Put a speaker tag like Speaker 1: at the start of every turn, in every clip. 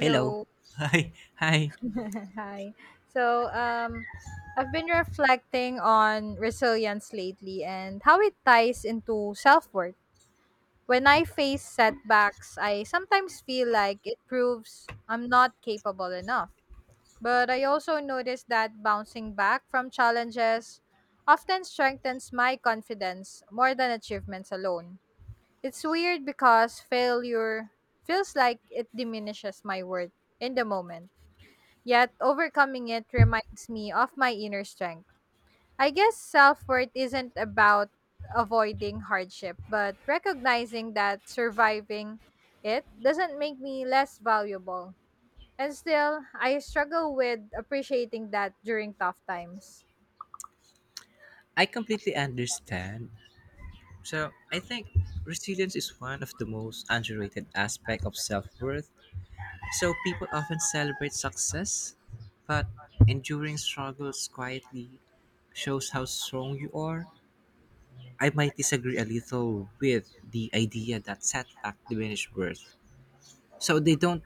Speaker 1: Hello. Hi. Hi.
Speaker 2: Hi. So, um, I've been reflecting on resilience lately and how it ties into self worth. When I face setbacks, I sometimes feel like it proves I'm not capable enough. But I also notice that bouncing back from challenges often strengthens my confidence more than achievements alone. It's weird because failure feels like it diminishes my worth in the moment. Yet, overcoming it reminds me of my inner strength. I guess self worth isn't about avoiding hardship, but recognizing that surviving it doesn't make me less valuable. And still, I struggle with appreciating that during tough times.
Speaker 1: I completely understand. I think resilience is one of the most underrated aspect of self-worth. People often celebrate success, but enduring struggles quietly shows how strong you are. I might disagree a little with the idea that setback diminish worth. So, they don't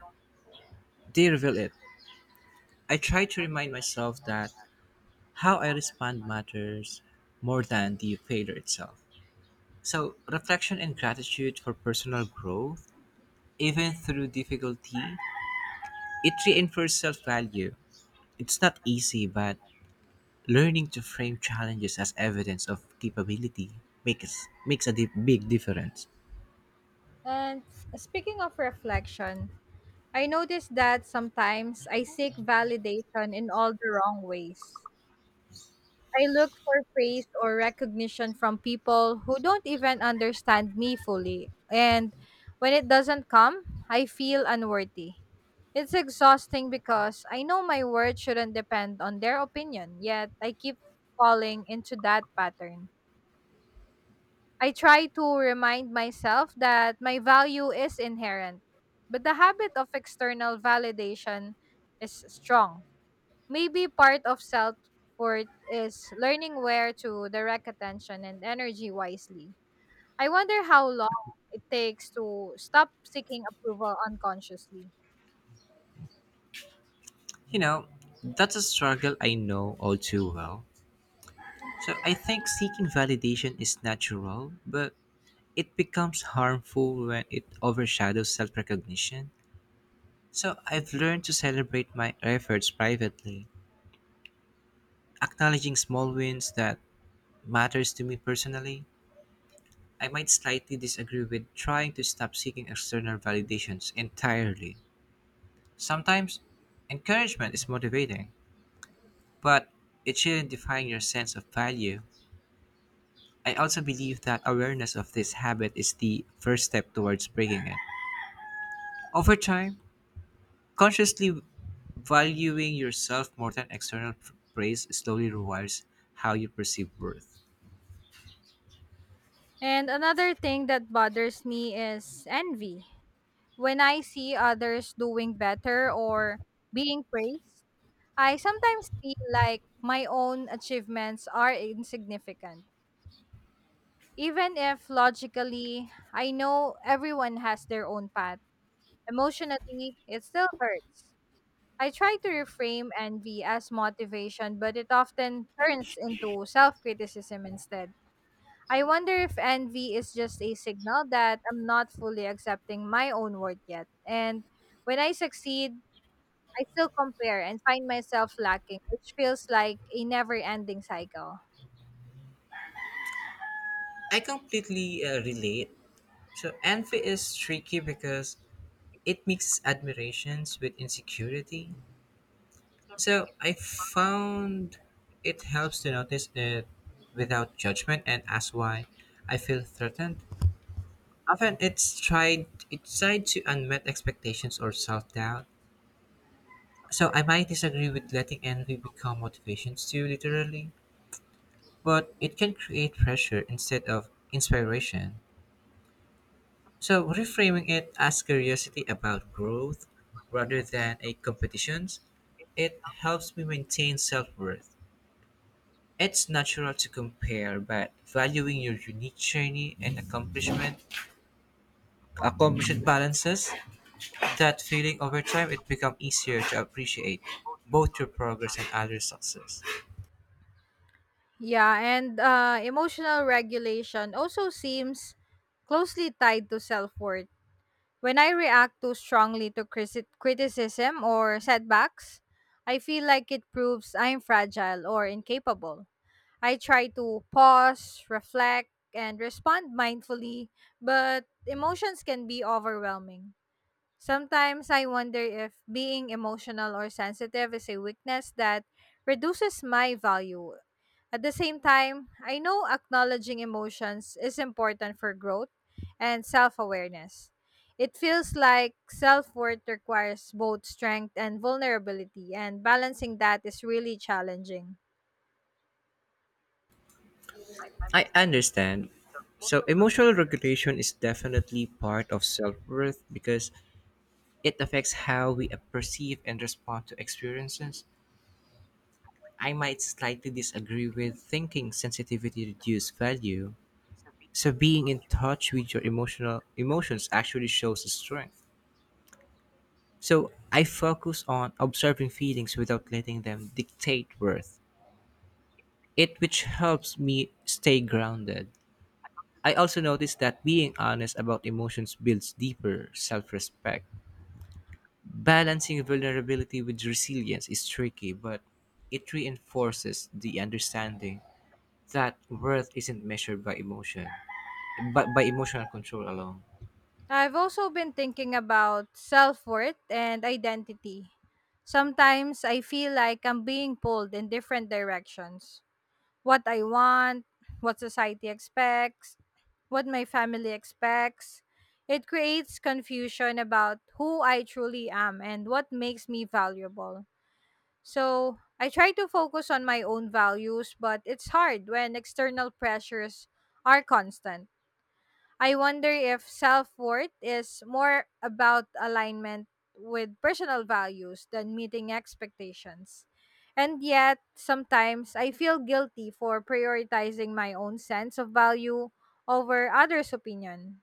Speaker 1: they reveal it. I try to remind myself that how I respond matters more than the failure itself. Reflection and gratitude for personal growth, even through difficulty, it reinforces self value. It's not easy, but learning to frame challenges as evidence of capability makes a big difference.
Speaker 2: And speaking of reflection, I notice that sometimes I seek validation in all the wrong ways. I look for praise or recognition from people who don't even understand me fully. And when it doesn't come, I feel unworthy. It's exhausting because I know my worth shouldn't depend on their opinion, yet I keep falling into that pattern. I try to remind myself that my value is inherent, but the habit of external validation is strong. Maybe part of self worth is learning where to direct attention and energy wisely. I wonder how long it takes to stop seeking approval unconsciously.
Speaker 1: You know, that's a struggle I know all too well. I think seeking validation is natural, but it becomes harmful when it overshadows self recognition. So, I've learned to celebrate my efforts privately, acknowledging small wins that matters to me personally. I might slightly disagree with trying to stop seeking external validations entirely. Sometimes encouragement is motivating, but it shouldn't define your sense of value. I also believe that awareness of this habit is the first step towards breaking it. Over time, consciously valuing yourself more than external praise slowly rewires how you perceive worth.
Speaker 2: And another thing that bothers me is envy. When I see others doing better or being praised, I sometimes feel like my own achievements are insignificant. Even if logically I know everyone has their own path. Emotionally, it still hurts. I try to reframe envy as motivation, but it often turns into self criticism instead. I wonder if envy is just a signal that I'm not fully accepting my own worth yet. And when I succeed, I still compare and find myself lacking, which feels like a never ending cycle.
Speaker 1: I completely relate. So envy is tricky because it mixes admirations with insecurity. So I found it helps to notice it without judgment and ask why I feel threatened. Often it's tied to unmet expectations or self doubt. So I might disagree with letting envy become motivations too literally, but it can create pressure instead of inspiration. So reframing it as curiosity about growth rather than a competition, it helps me maintain self-worth. It's natural to compare, but valuing your unique journey and accomplishment balances that feeling. Over time it becomes easier to appreciate both your progress and other success.
Speaker 2: Yeah, and emotional regulation also seems closely tied to self worth. When I react too strongly to criticism or setbacks, I feel like it proves I'm fragile or incapable. I try to pause, reflect, and respond mindfully, but emotions can be overwhelming. Sometimes I wonder if being emotional or sensitive is a weakness that reduces my value. At the same time, I know acknowledging emotions is important for growth and self awareness. It feels like self worth requires both strength and vulnerability, and balancing that is really challenging.
Speaker 1: I understand. So emotional regulation is definitely part of self-worth because it affects how we perceive and respond to experiences. I might slightly disagree with thinking sensitivity reduces value. So being in touch with your emotional emotions actually shows the strength. So I focus on observing feelings without letting them dictate worth. It which helps me stay grounded. I also noticed that being honest about emotions builds deeper self-respect. Balancing vulnerability with resilience is tricky, but it reinforces the understanding that worth isn't measured by emotion but by emotional control alone.
Speaker 2: I've also been thinking about self worth and identity. Sometimes I feel like I'm being pulled in different directions: what I want, what society expects, what my family expects. It creates confusion about who I truly am and what makes me valuable. So I try to focus on my own values, but it's hard when external pressures are constant. I wonder if self worth is more about alignment with personal values than meeting expectations. And yet, sometimes I feel guilty for prioritizing my own sense of value over others' opinion.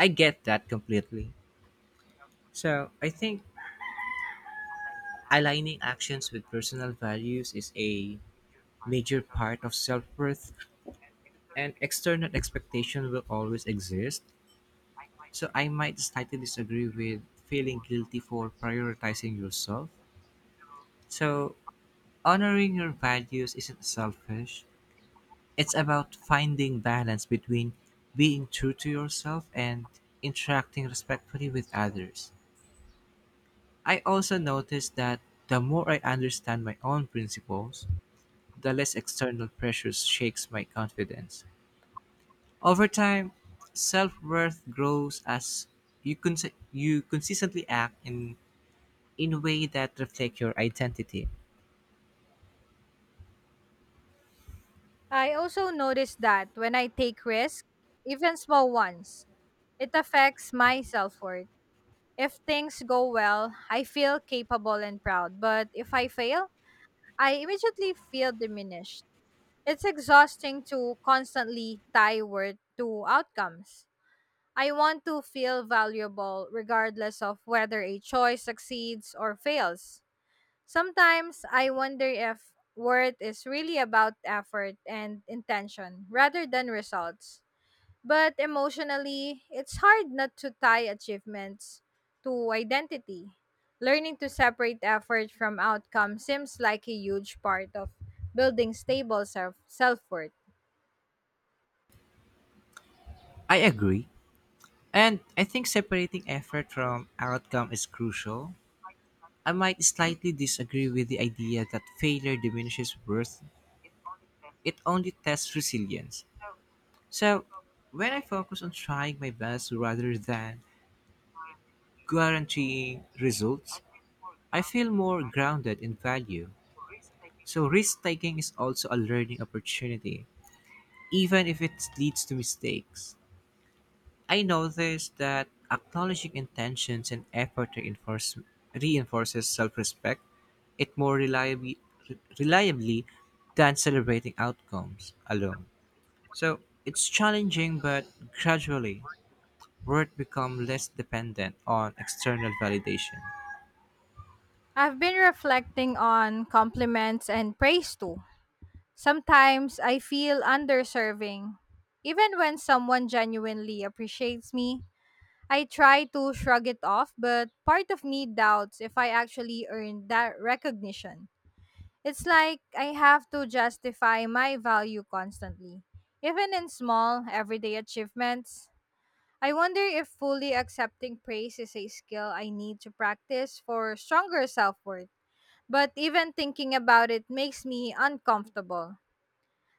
Speaker 1: I get that completely. So I think aligning actions with personal values is a major part of self worth, and external expectation will always exist. So I might slightly disagree with feeling guilty for prioritizing yourself. So honoring your values isn't selfish. It's about finding balance between being true to yourself and interacting respectfully with others. I also noticed that the more I understand my own principles, the less external pressures shakes my confidence. Over time, self-worth grows as you consistently act in a way that reflect your identity.
Speaker 2: I also notice that when I take risks, even small ones, it affects my self worth. If things go well, I feel capable and proud. But if I fail, I immediately feel diminished. It's exhausting to constantly tie worth to outcomes. I want to feel valuable regardless of whether a choice succeeds or fails. Sometimes I wonder if worth is really about effort and intention rather than results. But emotionally, it's hard not to tie achievements to identity. Learning to separate effort from outcome seems like a huge part of building stable self worth.
Speaker 1: I agree, and I think separating effort from outcome is crucial. I might slightly disagree with the idea that failure diminishes worth. It only tests resilience. So, when I focus on trying my best rather than guaranteeing results, I feel more grounded in value. So, risk taking is also a learning opportunity, even if it leads to mistakes. I noticed that acknowledging intentions and effort reinforces self respect it more reliably than celebrating outcomes alone. So, it's challenging, but gradually worth become less dependent on external validation.
Speaker 2: I've been reflecting on compliments and praise too. Sometimes I feel underserving. Even when someone genuinely appreciates me, I try to shrug it off, but part of me doubts if I actually earned that recognition. It's like I have to justify my value constantly. Even in small, everyday achievements, I wonder if fully accepting praise is a skill I need to practice for stronger self worth. But even thinking about it makes me uncomfortable.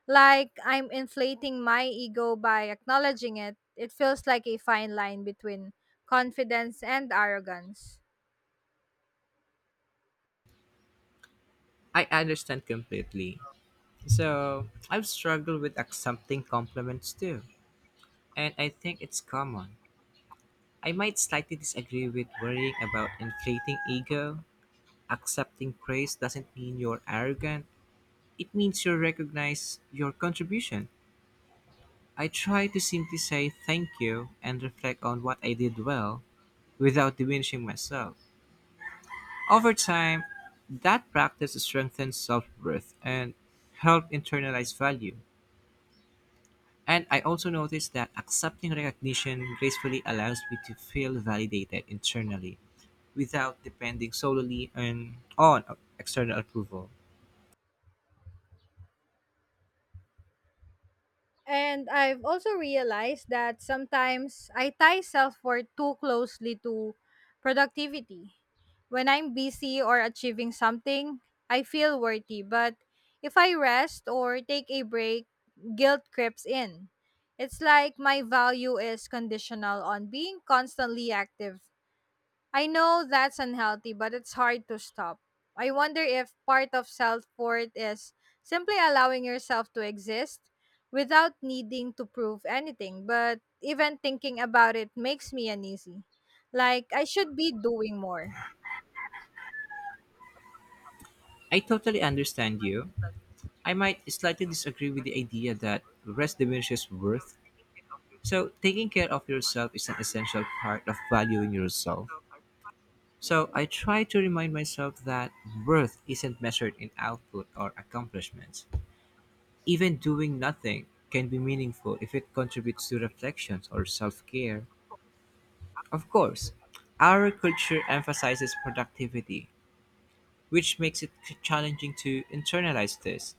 Speaker 2: Like I'm inflating my ego by acknowledging it. It feels like a fine line between confidence and arrogance.
Speaker 1: I understand completely. So I've struggled with accepting compliments too, and I think it's common. I might slightly disagree with worrying about inflating ego. Accepting praise doesn't mean you're arrogant, it means you recognize your contribution. I try to simply say thank you and reflect on what I did well without diminishing myself. Over time, that practice strengthens self worth and helps internalize value. And I also noticed that accepting recognition gracefully allows me to feel validated internally without depending solely on external approval.
Speaker 2: And I've also realized that sometimes I tie self worth too closely to productivity. When I'm busy or achieving something, I feel worthy, but if I rest or take a break, guilt creeps in. It's like my value is conditional on being constantly active. I know that's unhealthy, but it's hard to stop. I wonder if part of self worth is simply allowing yourself to exist without needing to prove anything, but even thinking about it makes me uneasy. Like, I should be doing more.
Speaker 1: I totally understand you. I might slightly disagree with the idea that rest diminishes worth. So, taking care of yourself is an essential part of valuing yourself. So I try to remind myself that worth isn't measured in output or accomplishments. Even doing nothing can be meaningful if it contributes to reflections or self care. Of course, our culture emphasizes productivity, which makes it challenging to internalize this.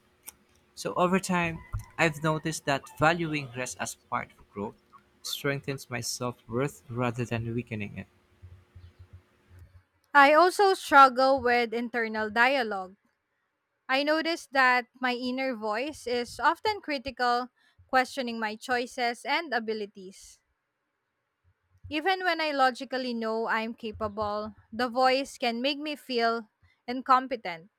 Speaker 1: So over time, I've noticed that valuing rest as part of growth strengthens my self worth rather than weakening it.
Speaker 2: I also struggle with internal dialogue. I notice that my inner voice is often critical, questioning my choices and abilities. Even when I logically know I'm capable, the voice can make me feel incompetent.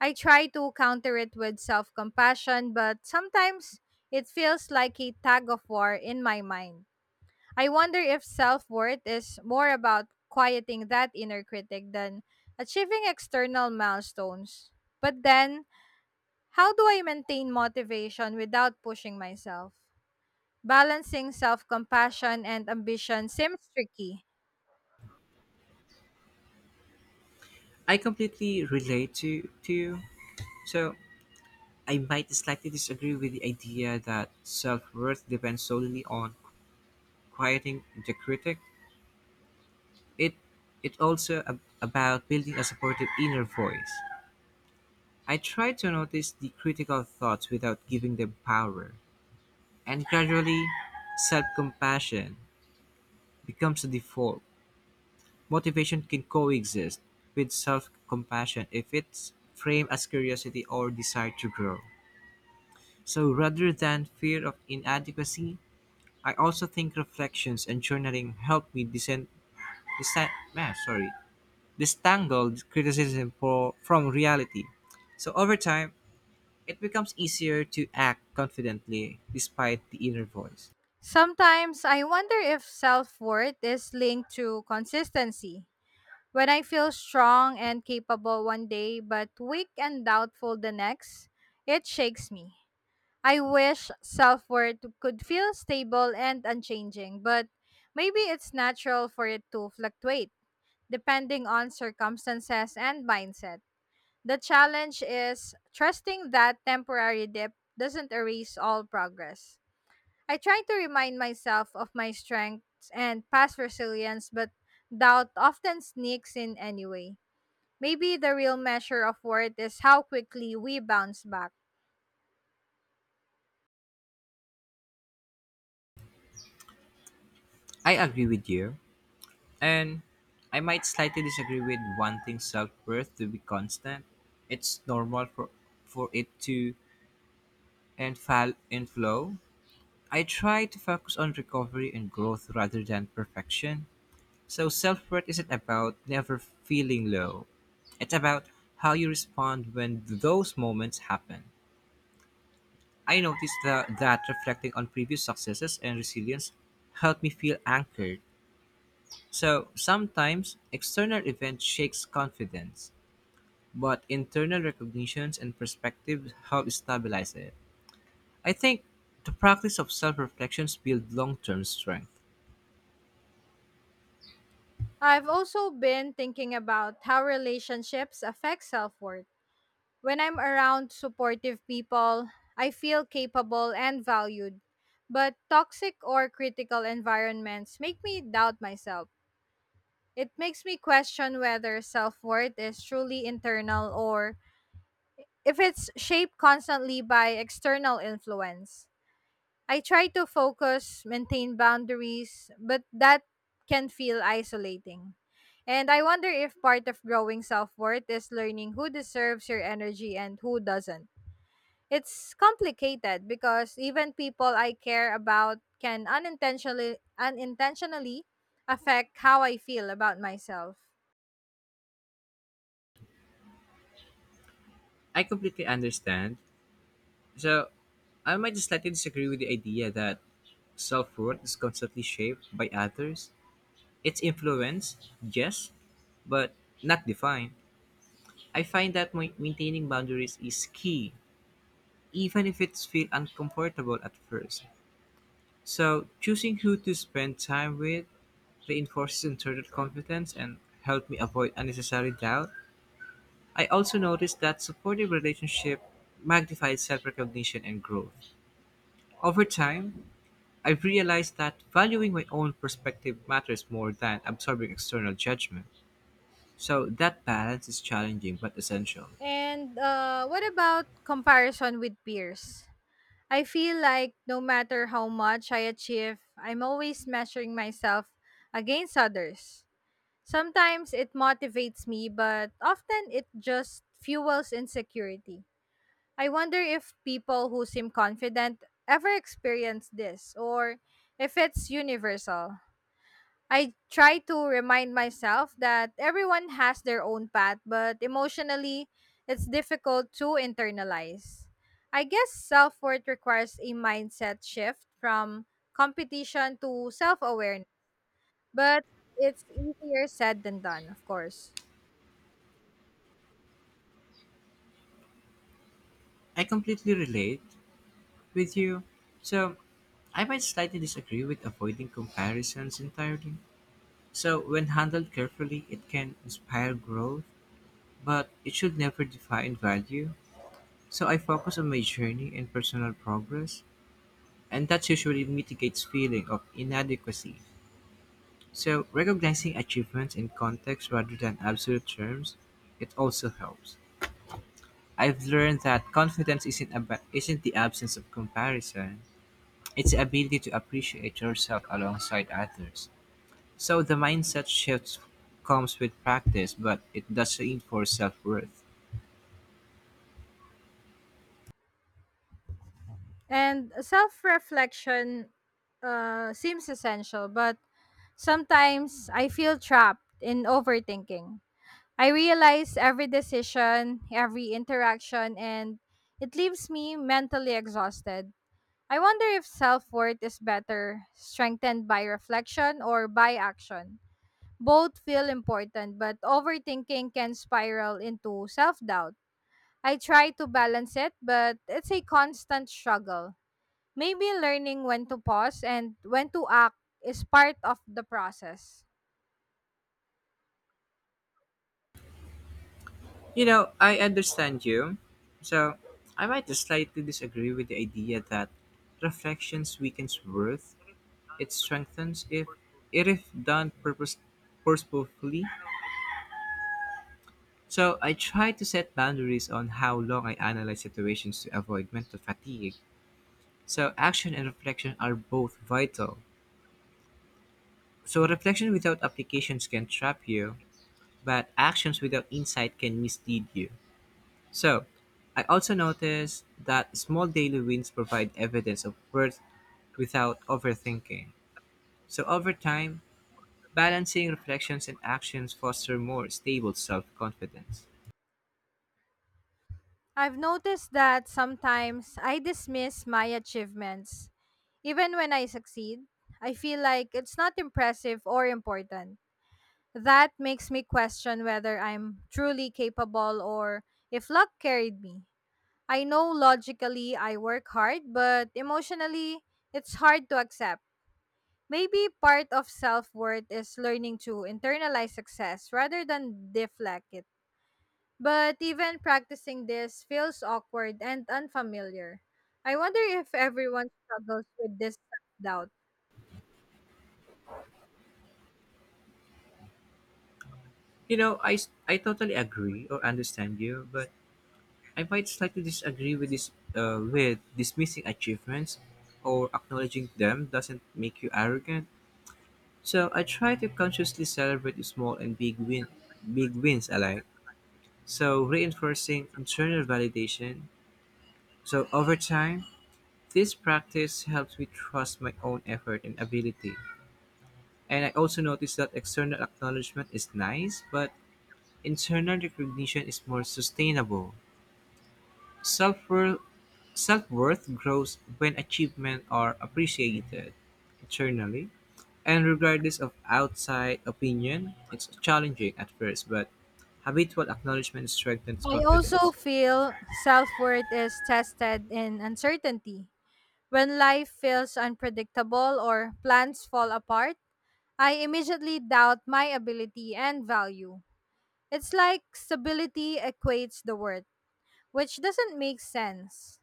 Speaker 2: I try to counter it with self compassion, but sometimes it feels like a tug of war in my mind. I wonder if self worth is more about quieting that inner critic than achieving external milestones. But then, how do I maintain motivation without pushing myself? Balancing self compassion and ambition seems tricky.
Speaker 1: I completely relate to you. So I might slightly disagree with the idea that self-worth depends solely on quieting the critic. It it also about building a supportive inner voice. I try to notice the critical thoughts without giving them power, and gradually, self-compassion becomes a default. Motivation can coexist with self-compassion if it's framed as curiosity or desire to grow. So rather than fear of inadequacy, I also think reflections and journaling help me disen- ah, sorry, distangle criticism from reality. So over time, it becomes easier to act confidently despite the inner voice.
Speaker 2: Sometimes I wonder if self worth is linked to consistency. When I feel strong and capable one day but weak and doubtful the next, it shakes me. I wish self worth could feel stable and unchanging, but maybe it's natural for it to fluctuate depending on circumstances and mindset. The challenge is trusting that temporary dip doesn't erase all progress. I try to remind myself of my strengths and past resilience, but doubt often sneaks in anyway. Maybe the real measure of worth is how quickly we bounce back.
Speaker 1: I agree with you, and I might slightly disagree with wanting self worth to be constant. It's normal for it to and fall and flow. I try to focus on recovery and growth rather than perfection. So self worth isn't about never feeling low. It's about how you respond when those moments happen. I noticed that reflecting on previous successes and resilience helped me feel anchored. So sometimes external events shakes confidence, but internal recognitions and perspectives help stabilize it. I think the practice of self-reflections builds long-term strength.
Speaker 2: I've also been thinking about how relationships affect self-worth. When I'm around supportive people, I feel capable and valued. But toxic or critical environments make me doubt myself. It makes me question whether self-worth is truly internal or if it's shaped constantly by external influence. I try to focus, maintain boundaries, but that can feel isolating. And I wonder if part of growing self worth is learning who deserves your energy and who doesn't. It's complicated because even people I care about can unintentionally affect how I feel about myself.
Speaker 1: I completely understand. So I might slightly disagree with the idea that self worth is constantly shaped by others. It's influenced, yes, but not defined. I find that maintaining boundaries is key, even if it feels uncomfortable at first. So, choosing who to spend time with reinforces internal confidence and helps me avoid unnecessary doubt. I also noticed that supportive relationship magnifies self recognition and growth. Over time, I've realized that valuing my own perspective matters more than absorbing external judgment. So that balance is challenging but essential.
Speaker 2: And what about comparison with peers? I feel like no matter how much I achieve, I'm always measuring myself against others. Sometimes it motivates me, but often it just fuels insecurity. I wonder if people who seem confident ever experience this or if it's universal. I try to remind myself that everyone has their own path, but emotionally, it's difficult to internalize. I guess self worth requires a mindset shift from competition to self awareness, but it's easier said than done, of course.
Speaker 1: I completely relate with you. So I might slightly disagree with avoiding comparisons entirely. So when handled carefully, it can inspire growth, but it should never define value. So I focus on my journey and personal progress, and that usually mitigates feeling of inadequacy. So, recognizing achievements in context rather than absolute terms, it also helps. I've learned that confidence isn't about isn't the absence of comparison; it's the ability to appreciate yourself alongside others. So, the mindset shift comes with practice, but it does reinforce self-worth.
Speaker 2: And self reflection seems essential, but sometimes I feel trapped in overthinking. I realize every decision, every interaction, and it leaves me mentally exhausted. I wonder if self worth is better strengthened by reflection or by action. Both feel important, but overthinking can spiral into self doubt. I try to balance it, but it's a constant struggle. Maybe learning when to pause and when to act is part of the process.
Speaker 1: You know, I understand you. So, I might slightly disagree with the idea that reflections weakens worth. It strengthens if done purposefully. So I try to set boundaries on how long I analyze situations to avoid mental fatigue. So action and reflection are both vital. So reflection without applications can trap you, but actions without insight can mislead you. So I also noticed that small daily wins provide evidence of worth without overthinking. So over time, balancing reflections and actions foster more stable self-confidence.
Speaker 2: I've noticed that sometimes I dismiss my achievements. Even when I succeed, I feel like it's not impressive or important. That makes me question whether I'm truly capable or if luck carried me. I know logically I work hard, but emotionally, it's hard to accept. Maybe part of self worth is learning to internalize success rather than deflect it. But even practicing this feels awkward and unfamiliar. I wonder if everyone struggles with this self-doubt.
Speaker 1: I totally agree or understand you, but I might slightly disagree with this with dismissing achievements or acknowledging them doesn't make you arrogant. So I try to consciously celebrate the small and big wins alike. So reinforcing internal validation. So over time, this practice helps me trust my own effort and ability. And I also noticed that external acknowledgement is nice, but internal recognition is more sustainable. Self-worth, Self-worth grows when achievements are appreciated internally. And regardless of outside opinion, it's challenging at first, but habitual acknowledgement strengthens
Speaker 2: I also
Speaker 1: confidence.
Speaker 2: feel self-worth is tested in uncertainty. When life feels unpredictable or plans fall apart, I immediately doubt my ability and value. It's like stability equates the worth, which doesn't make sense.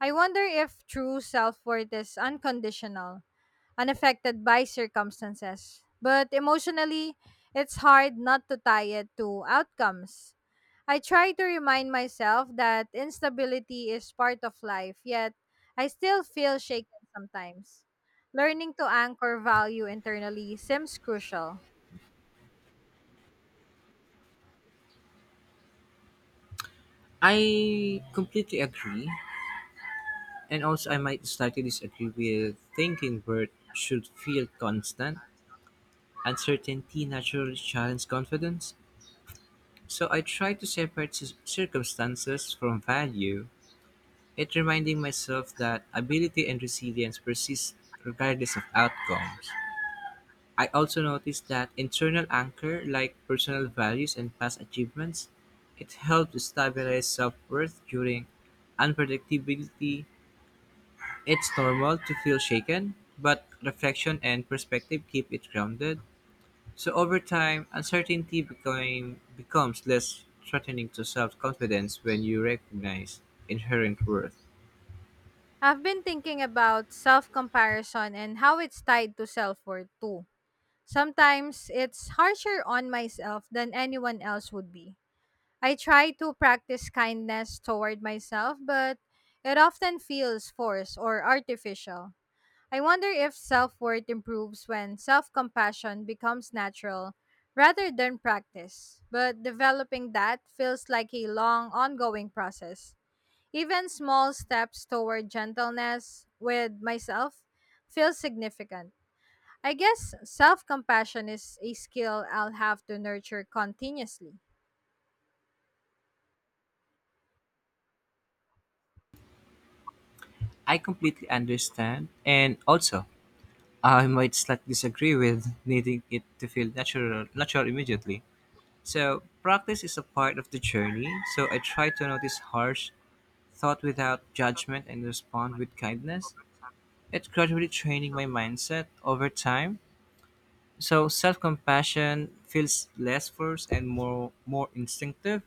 Speaker 2: I wonder if true self worth is unconditional, unaffected by circumstances. But emotionally, it's hard not to tie it to outcomes. I try to remind myself that instability is part of life, yet I still feel shaken sometimes. Learning to anchor value internally seems crucial.
Speaker 1: I completely agree, and also I might slightly disagree with thinking worth should feel constant. Uncertainty naturally challenges confidence, so I try to separate circumstances from value, yet reminding myself that ability and resilience persist regardless of outcomes. I also notice that internal anchor, like personal values and past achievements, it helps to stabilize self-worth during unpredictability. It's normal to feel shaken, but reflection and perspective keep it grounded. So over time, becomes less threatening to self-confidence when you recognize inherent worth.
Speaker 2: I've been thinking about self comparison and how it's tied to self worth too. Sometimes it's harsher on myself than anyone else would be. I try to practice kindness toward myself, but it often feels forced or artificial. I wonder if self worth improves when self compassion becomes natural rather than practice. But developing that feels like a long, ongoing process. Even small steps toward gentleness with myself feel significant. I guess self compassion is a skill I'll have to nurture continuously.
Speaker 1: I completely understand, and also I might slightly disagree with needing it to feel natural immediately. So practice is a part of the journey. So I try to notice harsh thought without judgment and respond with kindness. It's gradually training my mindset over time. So self-compassion feels less forced and more instinctive.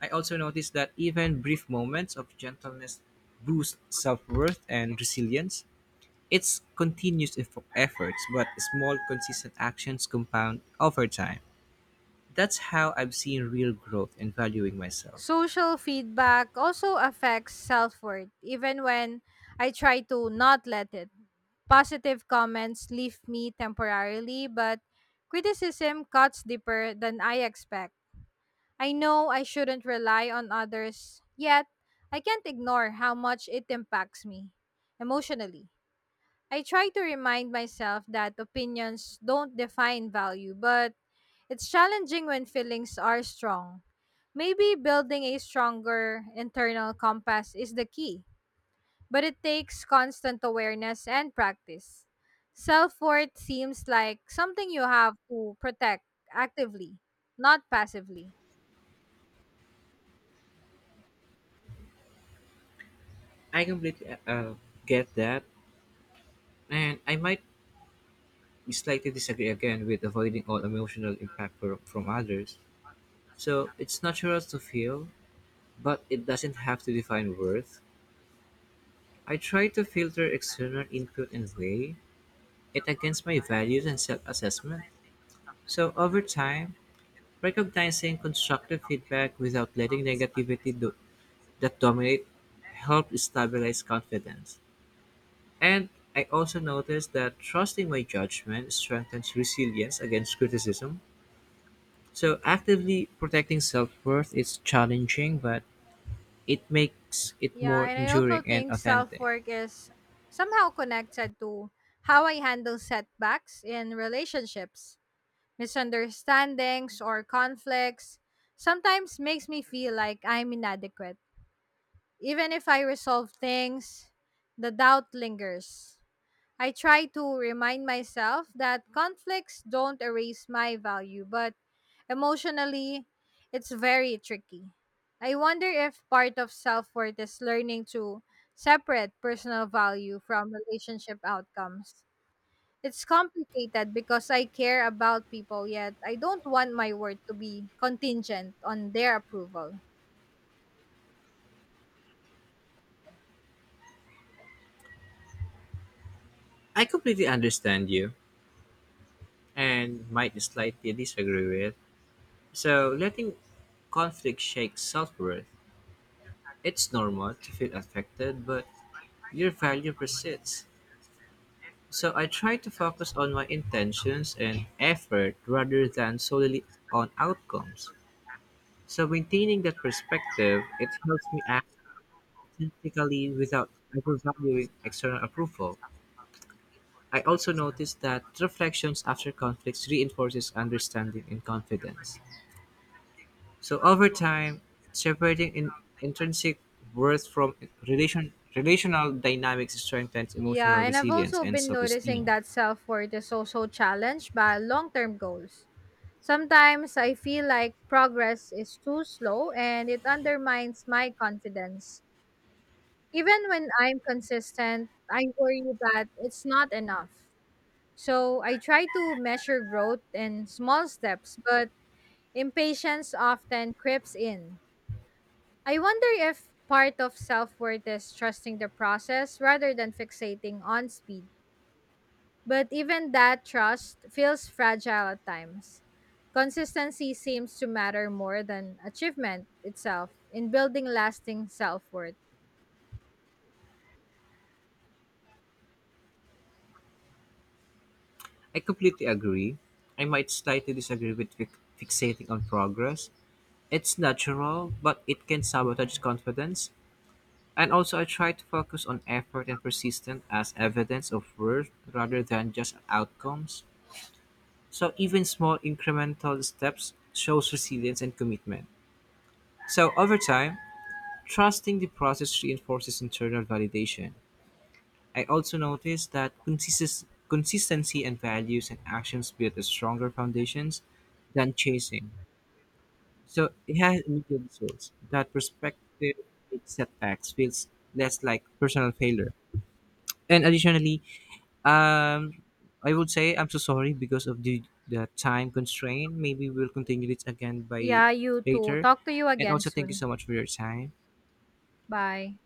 Speaker 1: I also noticed that even brief moments of gentleness boost self-worth and resilience. It's continuous efforts, but small consistent actions compound over time. That's how I've seen real growth in valuing myself.
Speaker 2: Social feedback also affects self worth, even when I try to not let it. Positive comments leave me temporarily, but criticism cuts deeper than I expect. I know I shouldn't rely on others, yet I can't ignore how much it impacts me emotionally. I try to remind myself that opinions don't define value, but it's challenging when feelings are strong. Maybe building a stronger internal compass is the key, but it takes constant awareness and practice. Self worth seems like something you have to protect actively, not passively.
Speaker 1: I completely get that, and I might slightly disagree again with avoiding all emotional impact from others. So it's natural to feel. But it doesn't have to define worth. I try to filter external input and weigh it against my values and self assessment. So, over time, recognizing constructive feedback without letting negativity that dominate helped stabilize confidence. And I also noticed that trusting my judgment strengthens resilience against criticism. So, actively protecting self worth is challenging, but it makes it
Speaker 2: Yeah,
Speaker 1: more
Speaker 2: and I also
Speaker 1: enduring and
Speaker 2: think self
Speaker 1: authentic.
Speaker 2: work is somehow connected to how I handle setbacks in relationships. Misunderstandings or conflicts sometimes makes me feel like I'm inadequate. Even if I resolve things, the doubt lingers. I try to remind myself that conflicts don't erase my value, but emotionally, it's very tricky. I wonder if part of self worth is learning to separate personal value from relationship outcomes. It's complicated because I care about people, yet I don't want my word to be contingent on their approval.
Speaker 1: I completely understand you and might slightly disagree with. So, letting conflict shake self worth, it's normal to feel affected, but your value persists. So, I try to focus on my intentions and effort rather than solely on outcomes. So, maintaining that perspective, it helps me act authentically without overvaluing external approval. I also noticed that reflections after conflicts reinforces understanding and confidence. So over time, separating in intrinsic worth from relational dynamics strengthens
Speaker 2: Yeah,
Speaker 1: emotional
Speaker 2: and I've
Speaker 1: resilience
Speaker 2: also
Speaker 1: and
Speaker 2: been noticing
Speaker 1: self-esteem.
Speaker 2: that self worth is also challenged by long term goals. Sometimes I feel like progress is too slow and it undermines my confidence. Even when I'm consistent, I worry that it's not enough. So I try to measure growth in small steps, but impatience often creeps in. I wonder if part of self worth is trusting the process rather than fixating on speed. But even that trust feels fragile at times. Consistency seems to matter more than achievement itself in building lasting self worth.
Speaker 1: I completely agree. I might slightly disagree with fixating on progress. It's natural, but it can sabotage confidence. And also, I try to focus on effort and persistence as evidence of worth rather than just outcomes. So even small incremental steps shows resilience and commitment. So over time, trusting the process reinforces internal validation. I also noticed that consistency and values and actions build a stronger foundations than chasing. So it has immediate results. That perspective makes setbacks feels less like personal failure. And additionally, um, I would say I'm so sorry because of the time constraint. Maybe we'll continue this again by
Speaker 2: Yeah, you too.
Speaker 1: later.
Speaker 2: Talk to you
Speaker 1: And
Speaker 2: again
Speaker 1: also, thank you
Speaker 2: soon.
Speaker 1: so much for your time.
Speaker 2: Bye.